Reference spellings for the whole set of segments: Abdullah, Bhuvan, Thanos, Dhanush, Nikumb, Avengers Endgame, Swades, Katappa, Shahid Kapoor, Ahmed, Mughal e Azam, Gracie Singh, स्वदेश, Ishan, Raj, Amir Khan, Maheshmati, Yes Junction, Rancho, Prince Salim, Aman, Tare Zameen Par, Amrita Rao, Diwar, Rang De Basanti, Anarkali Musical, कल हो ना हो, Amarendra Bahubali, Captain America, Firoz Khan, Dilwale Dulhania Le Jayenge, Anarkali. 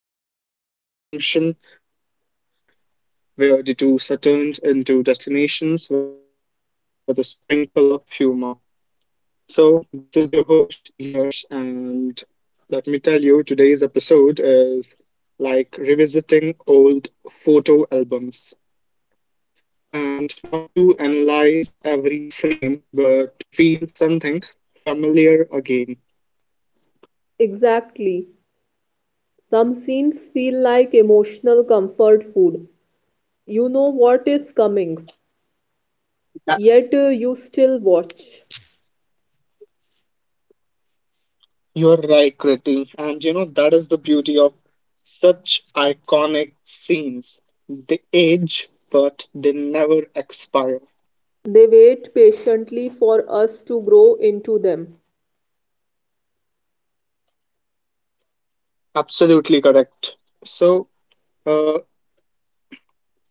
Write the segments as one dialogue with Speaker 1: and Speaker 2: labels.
Speaker 1: hi, everyone. Welcome back to your junction, where the tours are turned into destinations with a sprinkle of humor. So, this is your host, Yash, and let me tell you, today's episode is like revisiting old photo albums. And not to analyze every frame, but to feel something familiar again.
Speaker 2: Exactly. Some scenes feel like emotional comfort food. You know what is coming, yet you still watch.
Speaker 1: You're right, Kriti. And you know, that is the beauty of such iconic scenes. They age, but they never expire.
Speaker 2: They wait patiently for us to grow into them.
Speaker 1: Absolutely correct. So, uh,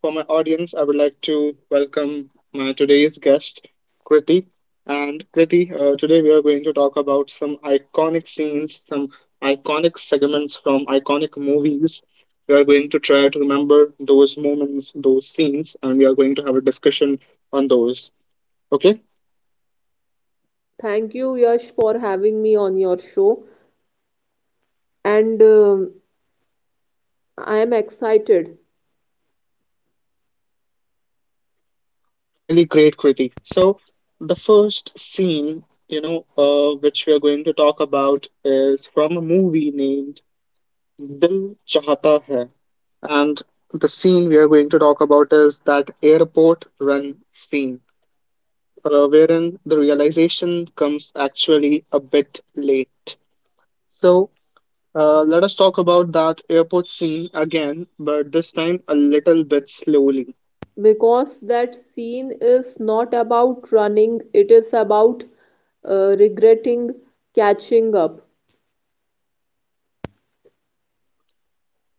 Speaker 1: For my audience, I would like to welcome my today's guest, Kriti. And Kriti, today we are going to talk about some iconic scenes, some iconic segments from iconic movies. We are going to try to remember those moments, those scenes, and we are going to have a discussion on those. Okay?
Speaker 2: Thank you, Yash, for having me on your show. And I am excited
Speaker 1: It's really great, Kriti. So, the first scene, which we are going to talk about is from a movie named Dil Chahata Hai. And the scene we are going to talk about is that airport run scene, wherein the realization comes actually a bit late. So let us talk about that airport scene again, but this time a little bit slowly.
Speaker 2: because that scene is not about running, it is about regretting catching up.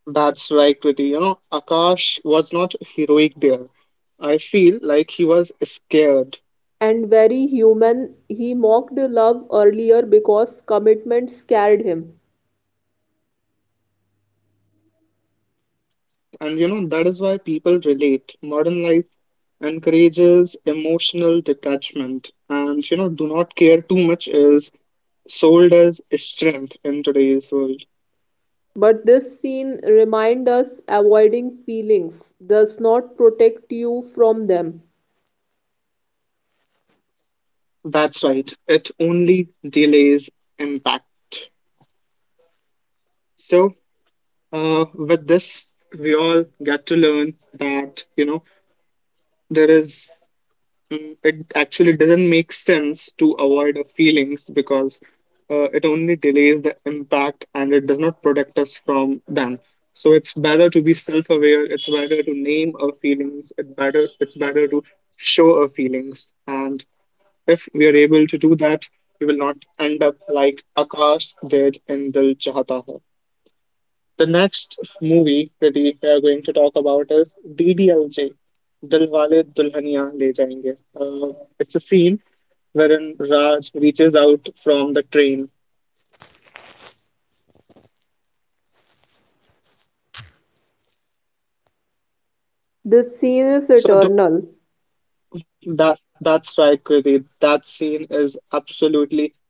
Speaker 1: That's right, Kriti. You know, Akash was not heroic there. I feel like he was scared.
Speaker 2: And very human, he mocked love earlier because commitment scared him.
Speaker 1: That's right. And you know, that is why people relate. Modern life encourages emotional detachment. And you know, do not care too much is sold as strength in today's world.
Speaker 2: But this scene reminds us avoiding feelings does not protect you from them.
Speaker 1: That's right. It only delays impact. So, with this, we all get to learn that, you know, there is it actually doesn't make sense to avoid our feelings because it only delays the impact and it does not protect us from them. So it's better to be self-aware. It's better to name our feelings. It's better to show our feelings. And if we are able to do that, we will not end up like Akash did in Dil Chahta Hai. The next movie, Pradeep, we are going to talk about is DDLJ, Dilwale Dulhania Le Jayenge. It's a scene wherein Raj reaches out from the train.
Speaker 2: This scene is
Speaker 1: So
Speaker 2: eternal.
Speaker 1: th- that's right, Pradeep. That scene is absolutely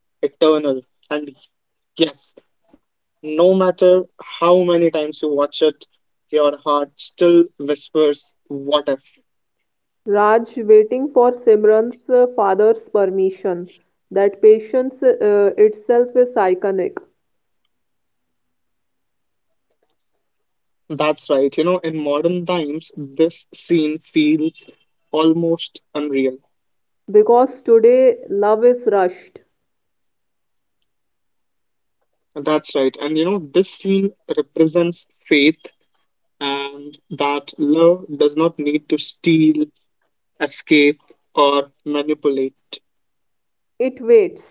Speaker 1: eternal. And yes, no matter how many times you watch it, your heart still whispers, "What if?"
Speaker 2: Raj waiting for Simran's father's permission. That patience itself is iconic
Speaker 1: That's right. You know, in modern times, this scene feels almost unreal.
Speaker 2: because today love is rushed.
Speaker 1: That's right. And you know, this scene represents faith, and that love does not need to steal, escape, or manipulate.
Speaker 2: It waits.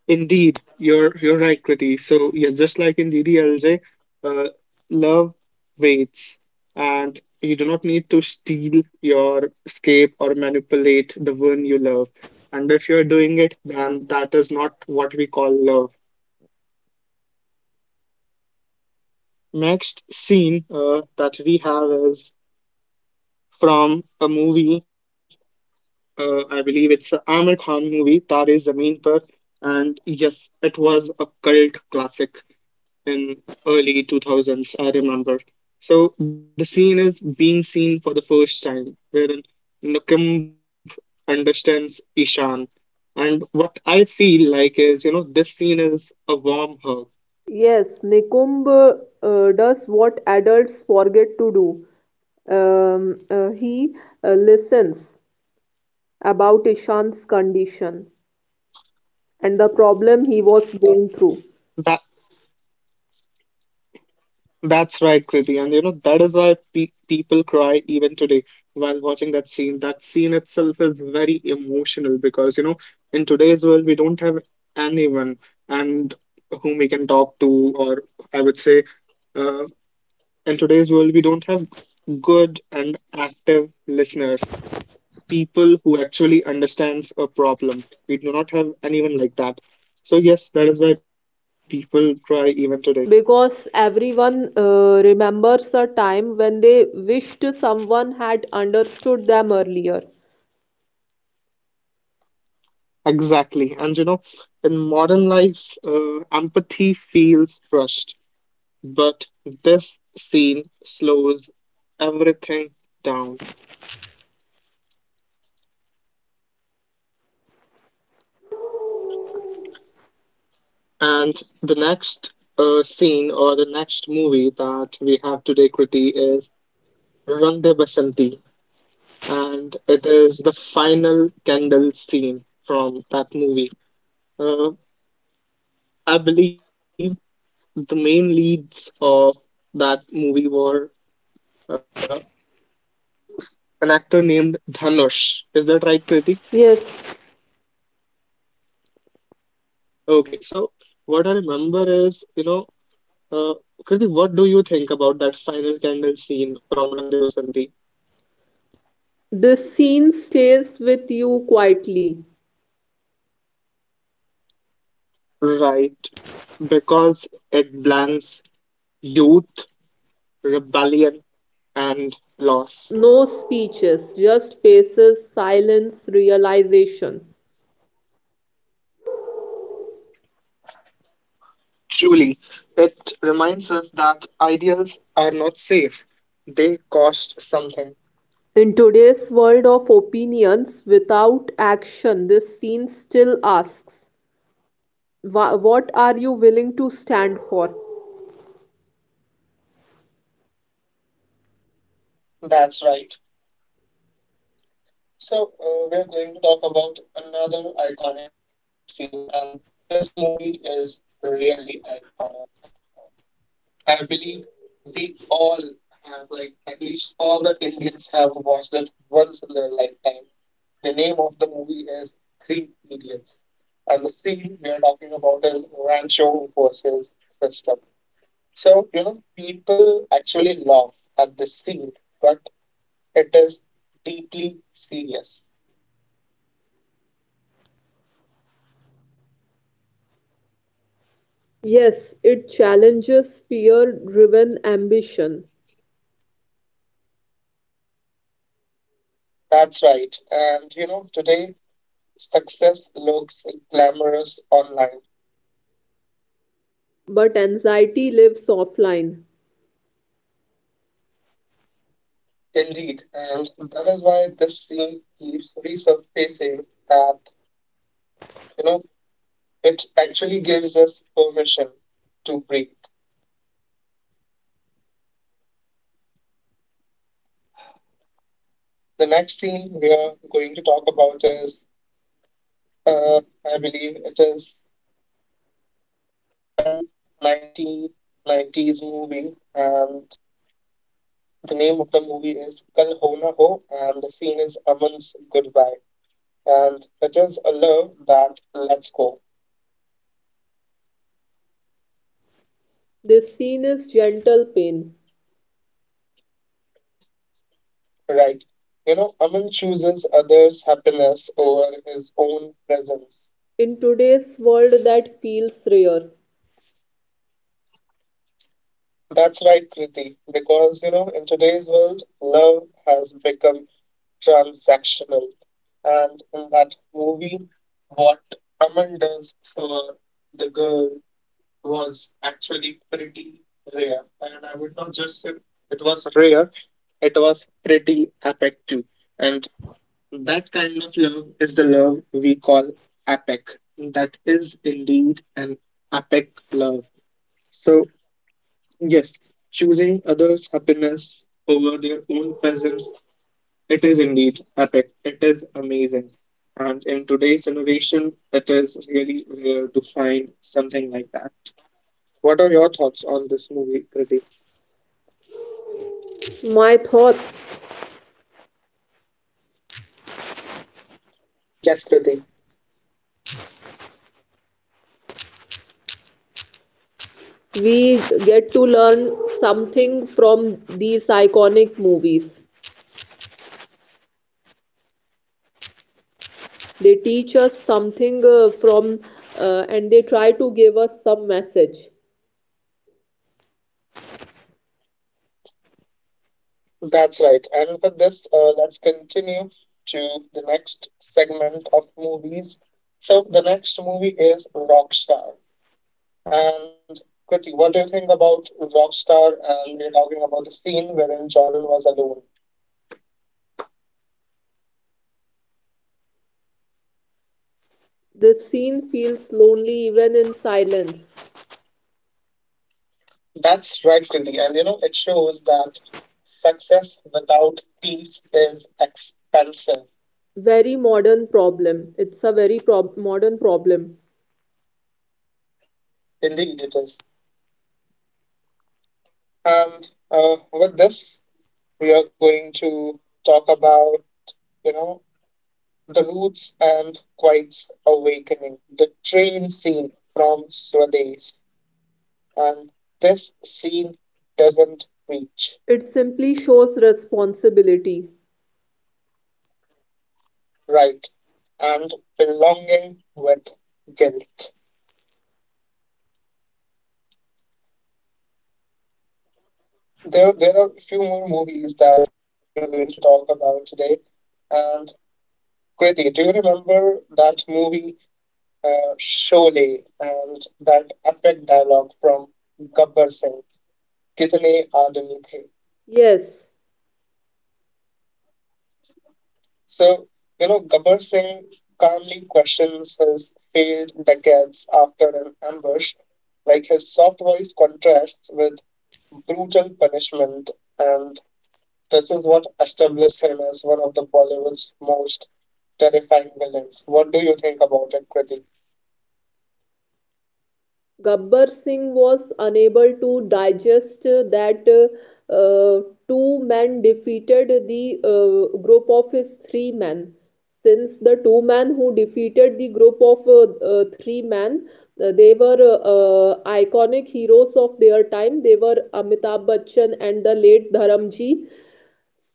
Speaker 1: Indeed, you're right, Kriti. So yeah, just like in DDLJ, uh, love waits, and you do not need to steal your escape or manipulate the one you love. And if you're doing it, then that is not what we call love. Next scene that we have is from a movie. I believe it's a Amir Khan movie, Tare Zameen Par, and yes, it was a cult classic. In early 2000s, I remember. So the scene is being seen for the first time, wherein Nukumb understands Ishan. And what I feel like is, you know, this scene is a warm hug.
Speaker 2: Yes, Nikumb does what adults forget to do. He listens about Ishan's condition and the problem he was going through.
Speaker 1: That that's right, Kriti. And you know, that is why people cry even today while watching that scene. That scene itself is very emotional because, you know, in today's world, we don't have anyone and whom we can talk to, or I would say, uh, in today's world, we don't have good and active listeners, people who actually understands a problem. We do not have anyone like that. So yes, that is why people cry even today.
Speaker 2: Because everyone remembers a time when they wished someone had understood them earlier.
Speaker 1: Exactly. And you know, in modern life, empathy feels rushed, but this scene slows everything down. And the next scene or the next movie that we have today, Kriti, is Rang De Basanti. And it is the final candle scene from that movie. Uh, I believe the main leads of that movie were uh, an actor named Dhanush. Is that right, Kriti?
Speaker 2: Yes,
Speaker 1: Okay, so what I remember is, uh, Kriti, what do you think about that final candle scene from Rang De Basanti?
Speaker 2: this scene stays with you quietly.
Speaker 1: Right, because it blends youth, rebellion, and loss.
Speaker 2: No speeches, just faces, silence, realization.
Speaker 1: Truly, it reminds us that ideals are not safe. They cost something.
Speaker 2: In today's world of opinions without action, this scene still asks, What are you willing to stand for?
Speaker 1: That's right. So, we're going to talk about another iconic scene, and this movie is really iconic. I believe we all have, like, at least all the Indians have watched it once in their lifetime. The name of the movie is Three Idiots, and the scene we are talking about is Rancho versus Sister. So, you know, people actually laugh at the scene, but it is deeply serious.
Speaker 2: Yes, it challenges fear driven ambition,
Speaker 1: That's right. And, you know, today success looks glamorous online.
Speaker 2: but anxiety lives offline.
Speaker 1: Indeed. And that is why this scene keeps resurfacing that, you know, it actually gives us permission to breathe. The next scene we are going to talk about is, uh, I believe it is an 1990s movie. And. The name of the movie is Kal Ho Na Ho, and the scene is Aman's goodbye. And it is a love that lets go,
Speaker 2: This scene is gentle pain.
Speaker 1: right? You know, Aman chooses others' happiness over his own presence.
Speaker 2: In today's world, that feels rare.
Speaker 1: That's right, Kriti, because, you know, in today's world, love has become transactional. And in that movie, what Aman does for the girl was actually pretty rare. And I would not just say it was rare, it was pretty epic too. And that kind of love is the love we call epic. That is indeed an epic love. So, yes, choosing others' happiness over their own presence, it is indeed epic. It is amazing. And in today's generation, it is really rare to find something like that. What are your thoughts on this movie, Kriti?
Speaker 2: My thoughts
Speaker 1: Yes, Kriti.
Speaker 2: we get to learn something from these iconic movies. They teach us something from and they try to give us some message.
Speaker 1: That's right. And with this, let's continue to the next segment of movies. So the next movie is Rockstar. And Kriti, what do you think about Rockstar? And we're talking about the scene wherein Jordan was alone.
Speaker 2: The scene feels lonely even in silence.
Speaker 1: That's right, Kriti. And you know, it shows that success without peace is expensive.
Speaker 2: Very modern problem. It's a very prob modern problem.
Speaker 1: Indeed, it is. And with this, we are going to talk about, you know, the roots and Quiet's awakening, the train scene from Swades. And this scene doesn't reach
Speaker 2: It simply shows responsibility.
Speaker 1: right and belonging with guilt. There are a few more movies that we are going to talk about today. And Kriti, do you remember that movie, Sholay, and that epic dialogue from Gabbar Singh? कितने आदमी थे.
Speaker 2: Yes,
Speaker 1: So you know, Gabbar Singh calmly questions his failed decades after an ambush, like his soft voice contrasts with brutal punishment, and this is what established him as one of the Bollywood's most terrifying villains. What do you think about it, Kriti?
Speaker 2: Gabbar Singh was unable to digest that two men defeated the group of his three men. Since the two men who defeated the group of three men, they were iconic heroes of their time. They were Amitabh Bachchan and the late Dharamji.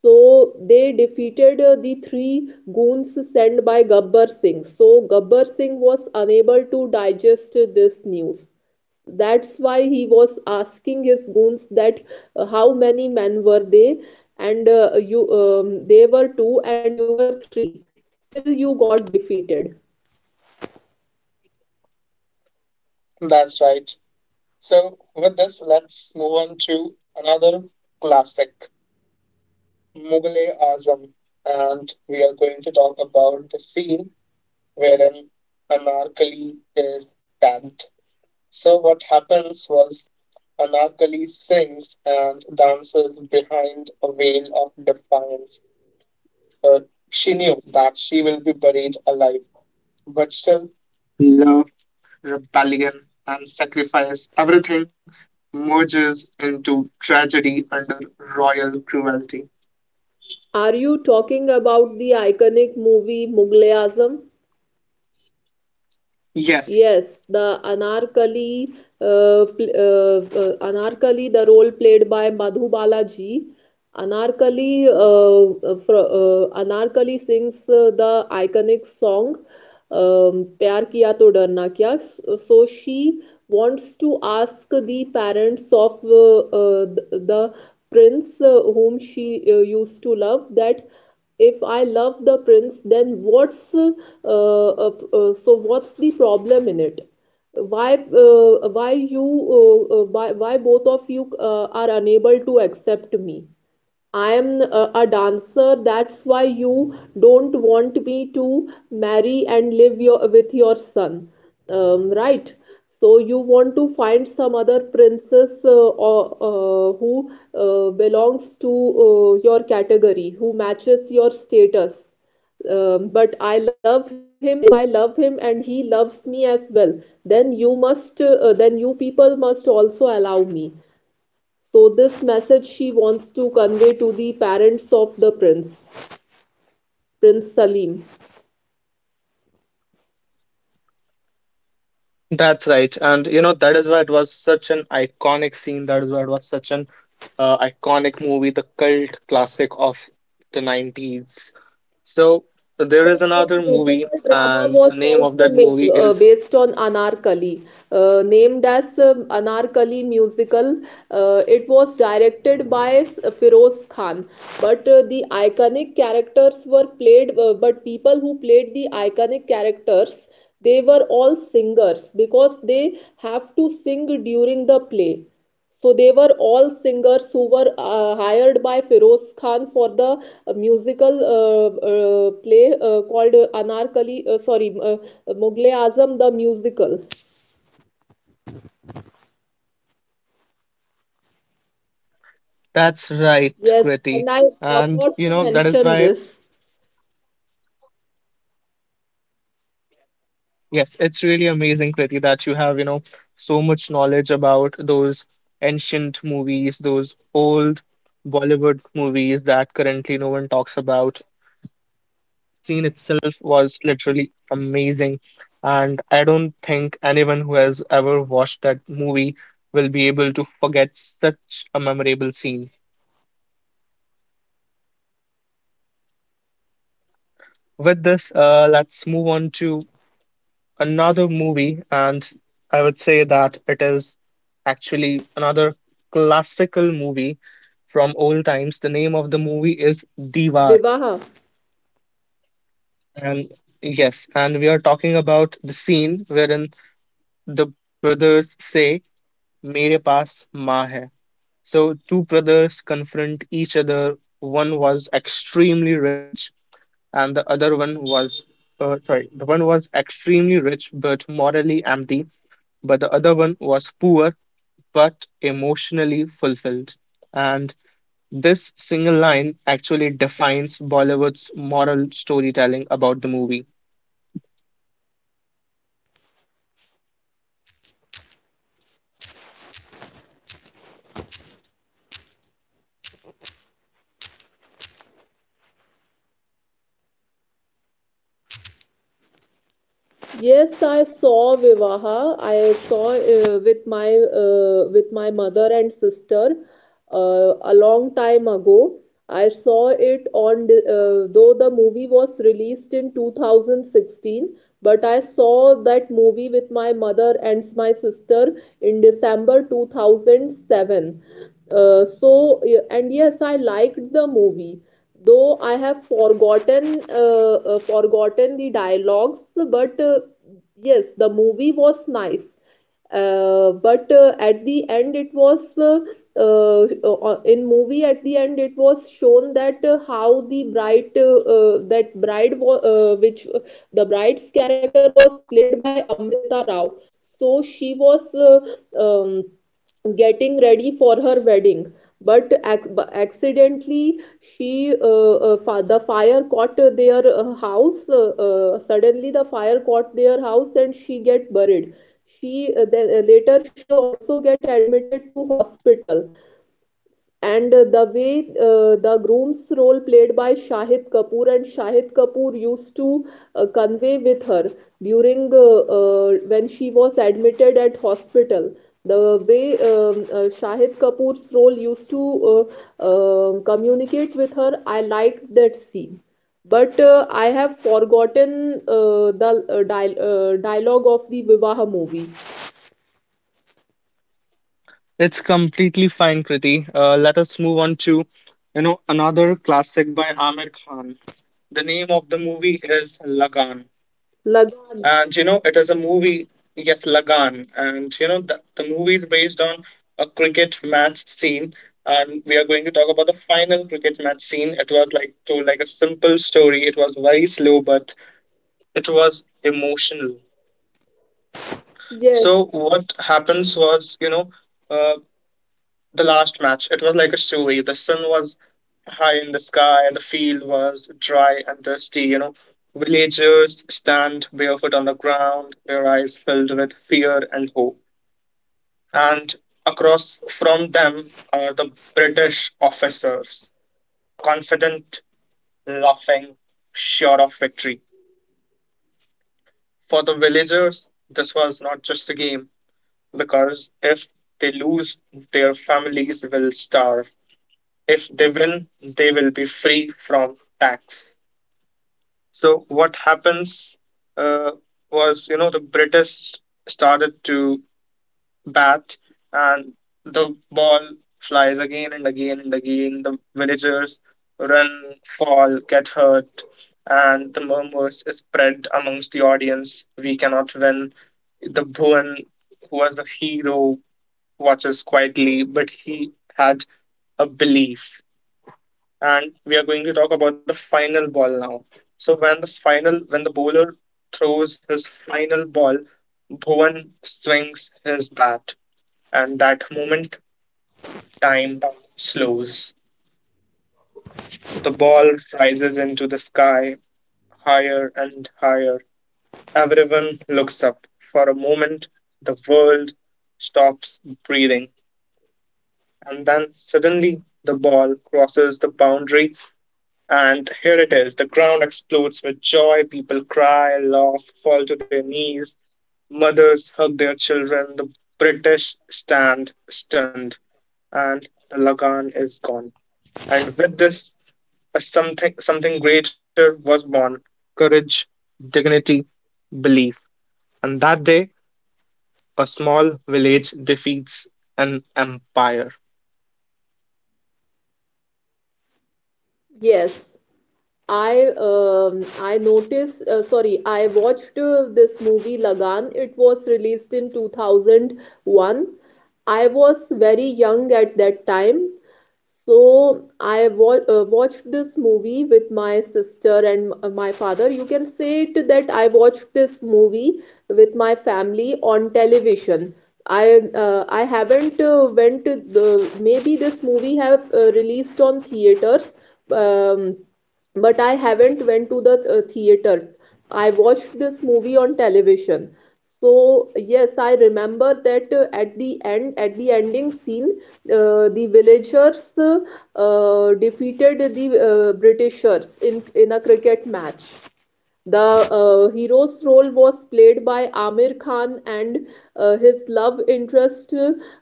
Speaker 2: So they defeated the three goons sent by Gabbar Singh. So Gabbar Singh was unable to digest this news. That's why he was asking his goons that how many men were they, and you they were two and you were three. Still, you got defeated.
Speaker 1: That's right. So with this, let's move on to another classic, mughal e azam and we are going to talk about the scene wherein Anarkali is tagged. So what happens was Anarkali sings and dances behind a veil of defiance. Uh, she knew that she will be buried alive, but still, love, rebellion, and sacrifice, everything merges into tragedy under royal cruelty.
Speaker 2: Are you talking about the iconic movie Mughal e Azam?
Speaker 1: Yes.
Speaker 2: Yes, the Anarkali, Anarkali, the role played by Madhu Balaji. Anarkali, Anarkali sings the iconic song "प्यार किया तो डरना क्या." So she wants to ask the parents of the prince whom she used to love that if I love the prince, then what's the problem in it? Why you why both of you are unable to accept me? I am a dancer. That's why you don't want me to marry and live your, with your son, right? So you want to find some other princess or who belongs to your category, who matches your status. But I love him. If I love him and he loves me as well, then then you people must also allow me. So this message she wants to convey to the parents of the prince, Prince Salim.
Speaker 1: That's right. And you know, that is why it was such an iconic scene. That is why it was such an iconic movie, the cult classic of the 90s. So there is
Speaker 2: Then a
Speaker 1: another movie,
Speaker 2: musical drama
Speaker 1: and
Speaker 2: was
Speaker 1: the name of
Speaker 2: also
Speaker 1: that
Speaker 2: made
Speaker 1: movie is
Speaker 2: based on Anarkali, named as Anarkali Musical. It was directed by Firoz Khan, but the iconic characters were played. But people who played the iconic characters, they were all singers because they have to sing during the play. So they were all singers who were hired by Feroz Khan for the musical play called Anarkali, Mughal-e Azam, the musical.
Speaker 1: That's Right,
Speaker 2: Yes,
Speaker 1: Kriti.
Speaker 2: and I
Speaker 1: And
Speaker 2: forgot
Speaker 1: you
Speaker 2: to
Speaker 1: know, that is
Speaker 2: mention
Speaker 1: why,
Speaker 2: this,
Speaker 1: yes, it's really amazing, Kriti, that you have, you know, so much knowledge about those ancient movies, those old Bollywood movies that currently no one talks about. Scene itself was literally amazing. And I don't think anyone who has ever watched that movie will be able to forget such a memorable scene. With this, let's move on to another movie, and I would say that it is actually another classical movie from old times. The name of the movie is Diwar.
Speaker 2: Vivaha.
Speaker 1: And yes, and we are talking about the scene wherein the brothers say मेरे पास माँ है. So two brothers confront each other. One was extremely rich, and the other one was, sorry, the one was extremely rich but morally empty, but the other one was poor but emotionally fulfilled. And this single line actually defines Bollywood's moral storytelling about the movie.
Speaker 2: Yes, I saw Vivaha. I saw with my mother and sister a long time ago. I saw it on though the movie was released in 2016, but I saw that movie with my mother and my sister in December 2007. And yes, I liked the movie though I have forgotten the dialogues, but yes, the movie was nice. But at the end, it was in movie at the end it was shown that how the bride that bride wa- which the bride's character was played by Amrita Rao. So she was getting ready for her wedding but accidentally she the fire caught their house suddenly the fire caught their house and she get buried. She then later she also get admitted to hospital. And the way the groom's role played by Shahid Kapoor and Shahid Kapoor used to convey with her during when she was admitted at hospital, the way Shahid Kapoor's role used to communicate with her. I liked that scene, but I have forgotten the dialogue of the Vivaha movie.
Speaker 1: It's completely fine, Kriti. Let us move on to, you know, another classic by Aamir Khan. The name of the movie is Lagan,
Speaker 2: Lagan.
Speaker 1: and you know it is a movie. Yes, Lagan, and you know the movie is based on a cricket match scene, and we are going to talk about the final cricket match scene. It was like told like a simple story. It was very slow, but it was emotional.
Speaker 2: Yes,
Speaker 1: So what happens was, you know, uh, the last match. It was like a story. The sun was high in the sky, and the field was dry and dusty. You know, villagers stand barefoot on the ground, their eyes filled with fear and hope. And across from them are the British officers, confident, laughing, sure of victory. For the villagers, this was not just a game, because if they lose, their families will starve. If they win, they will be free from tax. So what happens uh, was, you know, the British started to bat, and the ball flies again and again and again. The villagers run, fall, get hurt, and the murmurs spread amongst the audience. We cannot win. The Bhuvan, who was a hero, watches quietly, but he had a belief. And we are going to talk about the final ball now. So when the bowler throws his final ball, Bhuvan swings his bat, and that moment time slows. The ball rises into the sky higher and higher. Everyone looks up. For a moment, the world stops breathing, and then suddenly the ball crosses the boundary. And here it is, the ground explodes with joy. People cry, laugh, fall to their knees. Mothers hug their children. The British stand stunned, and the Lagan is gone. And with this, a something something greater was born: courage, dignity, belief. And that day, a small village defeats an empire.
Speaker 2: yes, I I noticed sorry I watched this movie Lagan. It was released in 2001. I was very young at that time. So I wa watched this movie with my sister and my father. You can say it that I watched this movie with my family on television. I I haven't went to the, maybe this movie have released on theaters. Um, but I haven't went to the theater. I watched this movie on television. So yes, I remember that at the end at the ending scene the villagers defeated the britishers in a cricket match. The hero's role was played by Amir Khan, and his love interest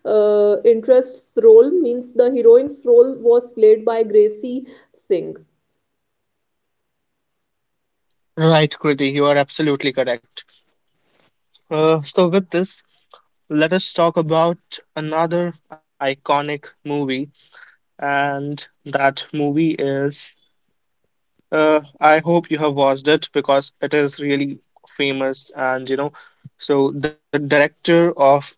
Speaker 2: uh, interest's role means the heroine's role was played by Gracie Singh.
Speaker 1: Right, Kriti, you are absolutely correct. So, with this, let us talk about another iconic movie, and that movie is. I hope you have watched it because it is really famous, and you know, so the director of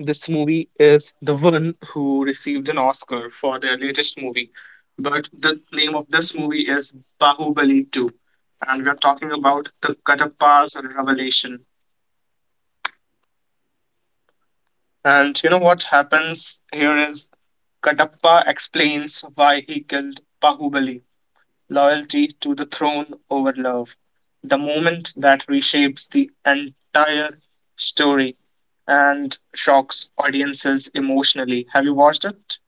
Speaker 1: this movie is the one who received an Oscar for their latest movie. But the name of this movie is Bahubali 2, and we are talking about the Katappa's revelation. And you know what happens here is Kadapa explains why he killed Bahubali, loyalty to the throne over love, the moment that reshapes the entire story and shocks audiences emotionally. Have you watched it?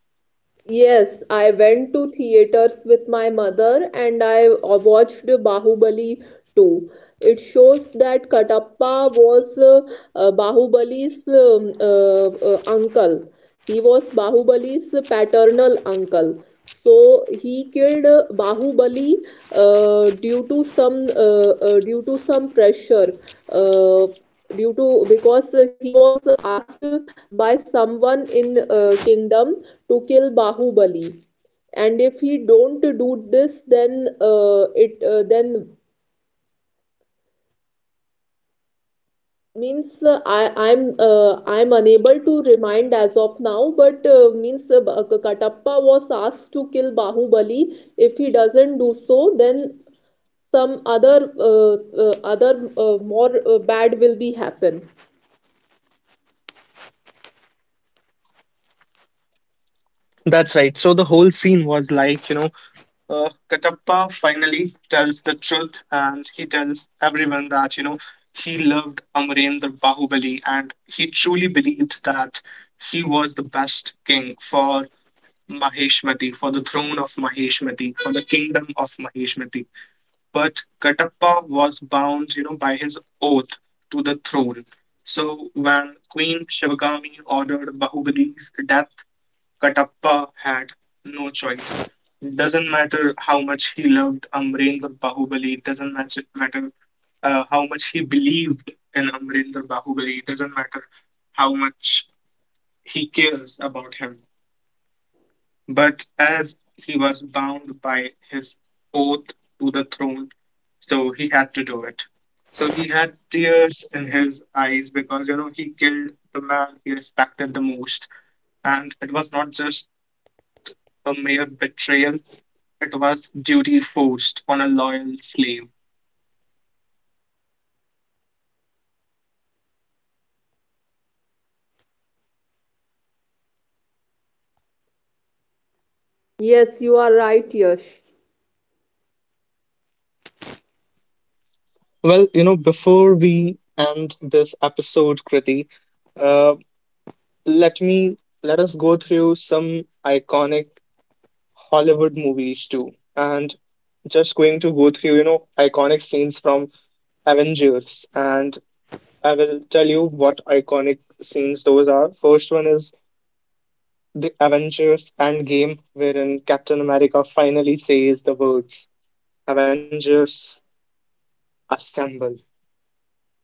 Speaker 2: Yes, I went to theaters with my mother, and I watched Bahubali 2. It shows that Katappa was Bahubali's uncle. He was Bahubali's paternal uncle. So he killed Bahubali due to some pressure, uh, due to because he was asked by someone in kingdom to kill Bahubali, and if he don't do this, then it then means I'm unable to remind as of now, but Katappa was asked to kill Bahubali. If he doesn't do so, then some other uh, other more bad will be happen.
Speaker 1: That's right. So the whole scene was like, you know, Katappa finally tells the truth and he tells everyone that, you know, he loved Amarendra Bahubali and he truly believed that he was the best king for Maheshmati, for the throne of Maheshmati, for the kingdom of Maheshmati. But Katappa was bound, you know, by his oath to the throne. So when Queen Shivagami ordered Bahubali's death, Katappa had no choice. Doesn't matter how much he loved Amrendra Bahubali, doesn't matter how much he believed in Amrendra Bahubali, doesn't matter how much he cares about him. But as he was bound by his oath to the throne, so he had to do it. So he had tears in his eyes because you know he killed the man he respected the most, and it was not just a mere betrayal; it was duty forced on a loyal slave.
Speaker 2: Yes, you are right, Yash.
Speaker 1: Well, you know, before we end this episode, Kriti, uh, let me let us go through some iconic Hollywood movies too. And just going to go through, you know, iconic scenes from Avengers. And I will tell you what iconic scenes those are. First one is the Avengers Endgame, wherein Captain America finally says the words Avengers assemble.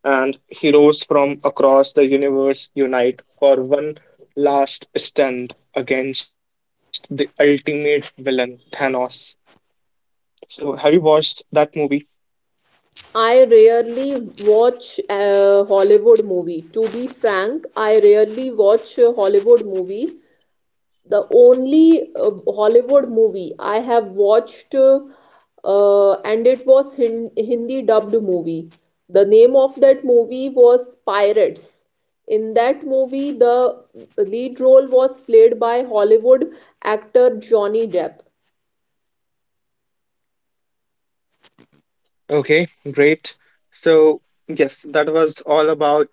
Speaker 1: And heroes from across the universe unite for one last stand against the ultimate villain, Thanos. So, have you watched that movie?
Speaker 2: I rarely watch a Hollywood movie. To be frank, I rarely watch a Hollywood movie. The only Hollywood movie I have watched, and it was Hindi dubbed movie. The name of that movie was Pirates. In that movie, the lead role was played by Hollywood actor Johnny Depp.
Speaker 1: Okay, great. So, yes, that was all about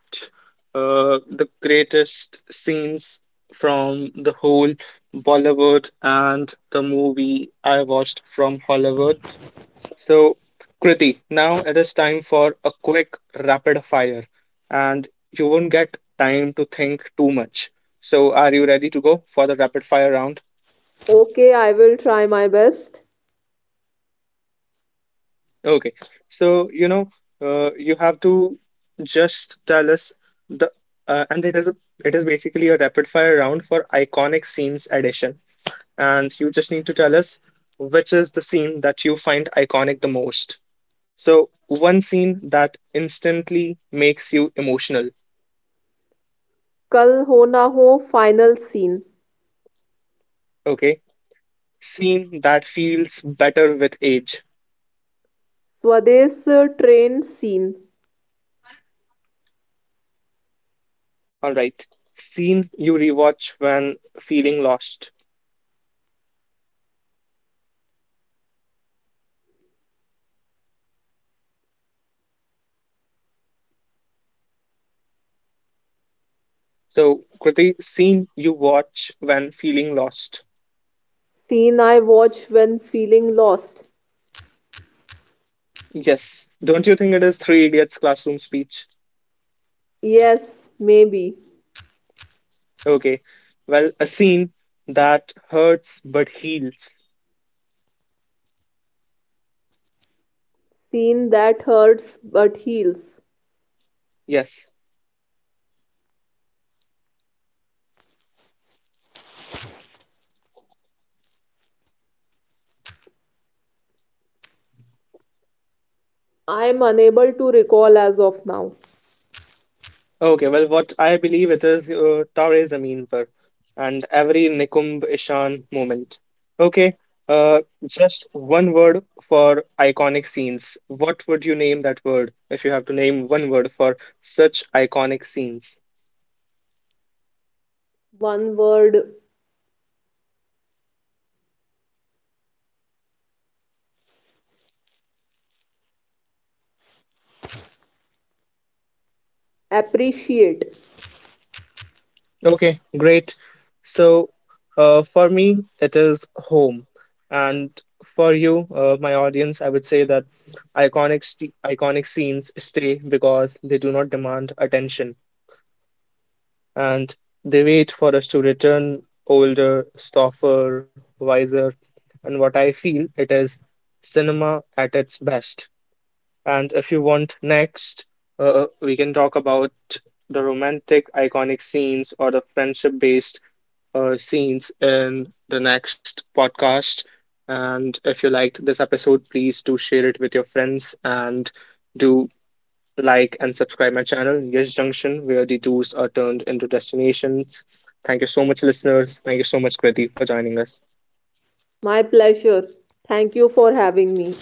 Speaker 1: the greatest scenes from the whole Bollywood and the movie I watched from Hollywood. So, Kriti, now it is time for a quick rapid fire, and you won't get time to think too much. So, are you ready to go for the rapid fire round?
Speaker 2: Okay, I will try my best.
Speaker 1: Okay, so you know, you have to just tell us the and it is basically a rapid fire round for iconic scenes edition, and you just need to tell us which is the scene that you find iconic the most. So one scene that instantly makes you emotional.
Speaker 2: कल हो ना हो final scene.
Speaker 1: Okay, scene that feels better with age.
Speaker 2: स्वदेश train scene.
Speaker 1: All right, scene you rewatch when feeling lost. So, Kriti, scene you watch when feeling lost.
Speaker 2: Scene I watch when feeling lost.
Speaker 1: Yes. Don't you think it is Three Idiots classroom speech?
Speaker 2: Yes, maybe.
Speaker 1: Okay. Well, a scene that hurts but heals.
Speaker 2: Scene that hurts but heals.
Speaker 1: Yes.
Speaker 2: I am unable to recall as of now.
Speaker 1: Okay. Well, what I believe it is Tare Zameen Par and every Nikumb Ishan moment. Okay. Just one word for iconic scenes. What would you name that word if you have to name one word for such iconic scenes?
Speaker 2: One word, appreciate.
Speaker 1: Okay, great. So, for me, it is home. And for you, my audience, I would say that iconic scenes stay because they do not demand attention and they wait for us to return older, softer, wiser. And what I feel it is cinema at its best. And if you want next, we can talk about the romantic iconic scenes or the friendship based scenes in the next podcast. And if you liked this episode, please do share it with your friends and do like and subscribe my channel, Yes Junction, where the tours are turned into destinations. Thank you so much, listeners. Thank you so much, Kriti, for joining us.
Speaker 2: My pleasure. Thank you for having me.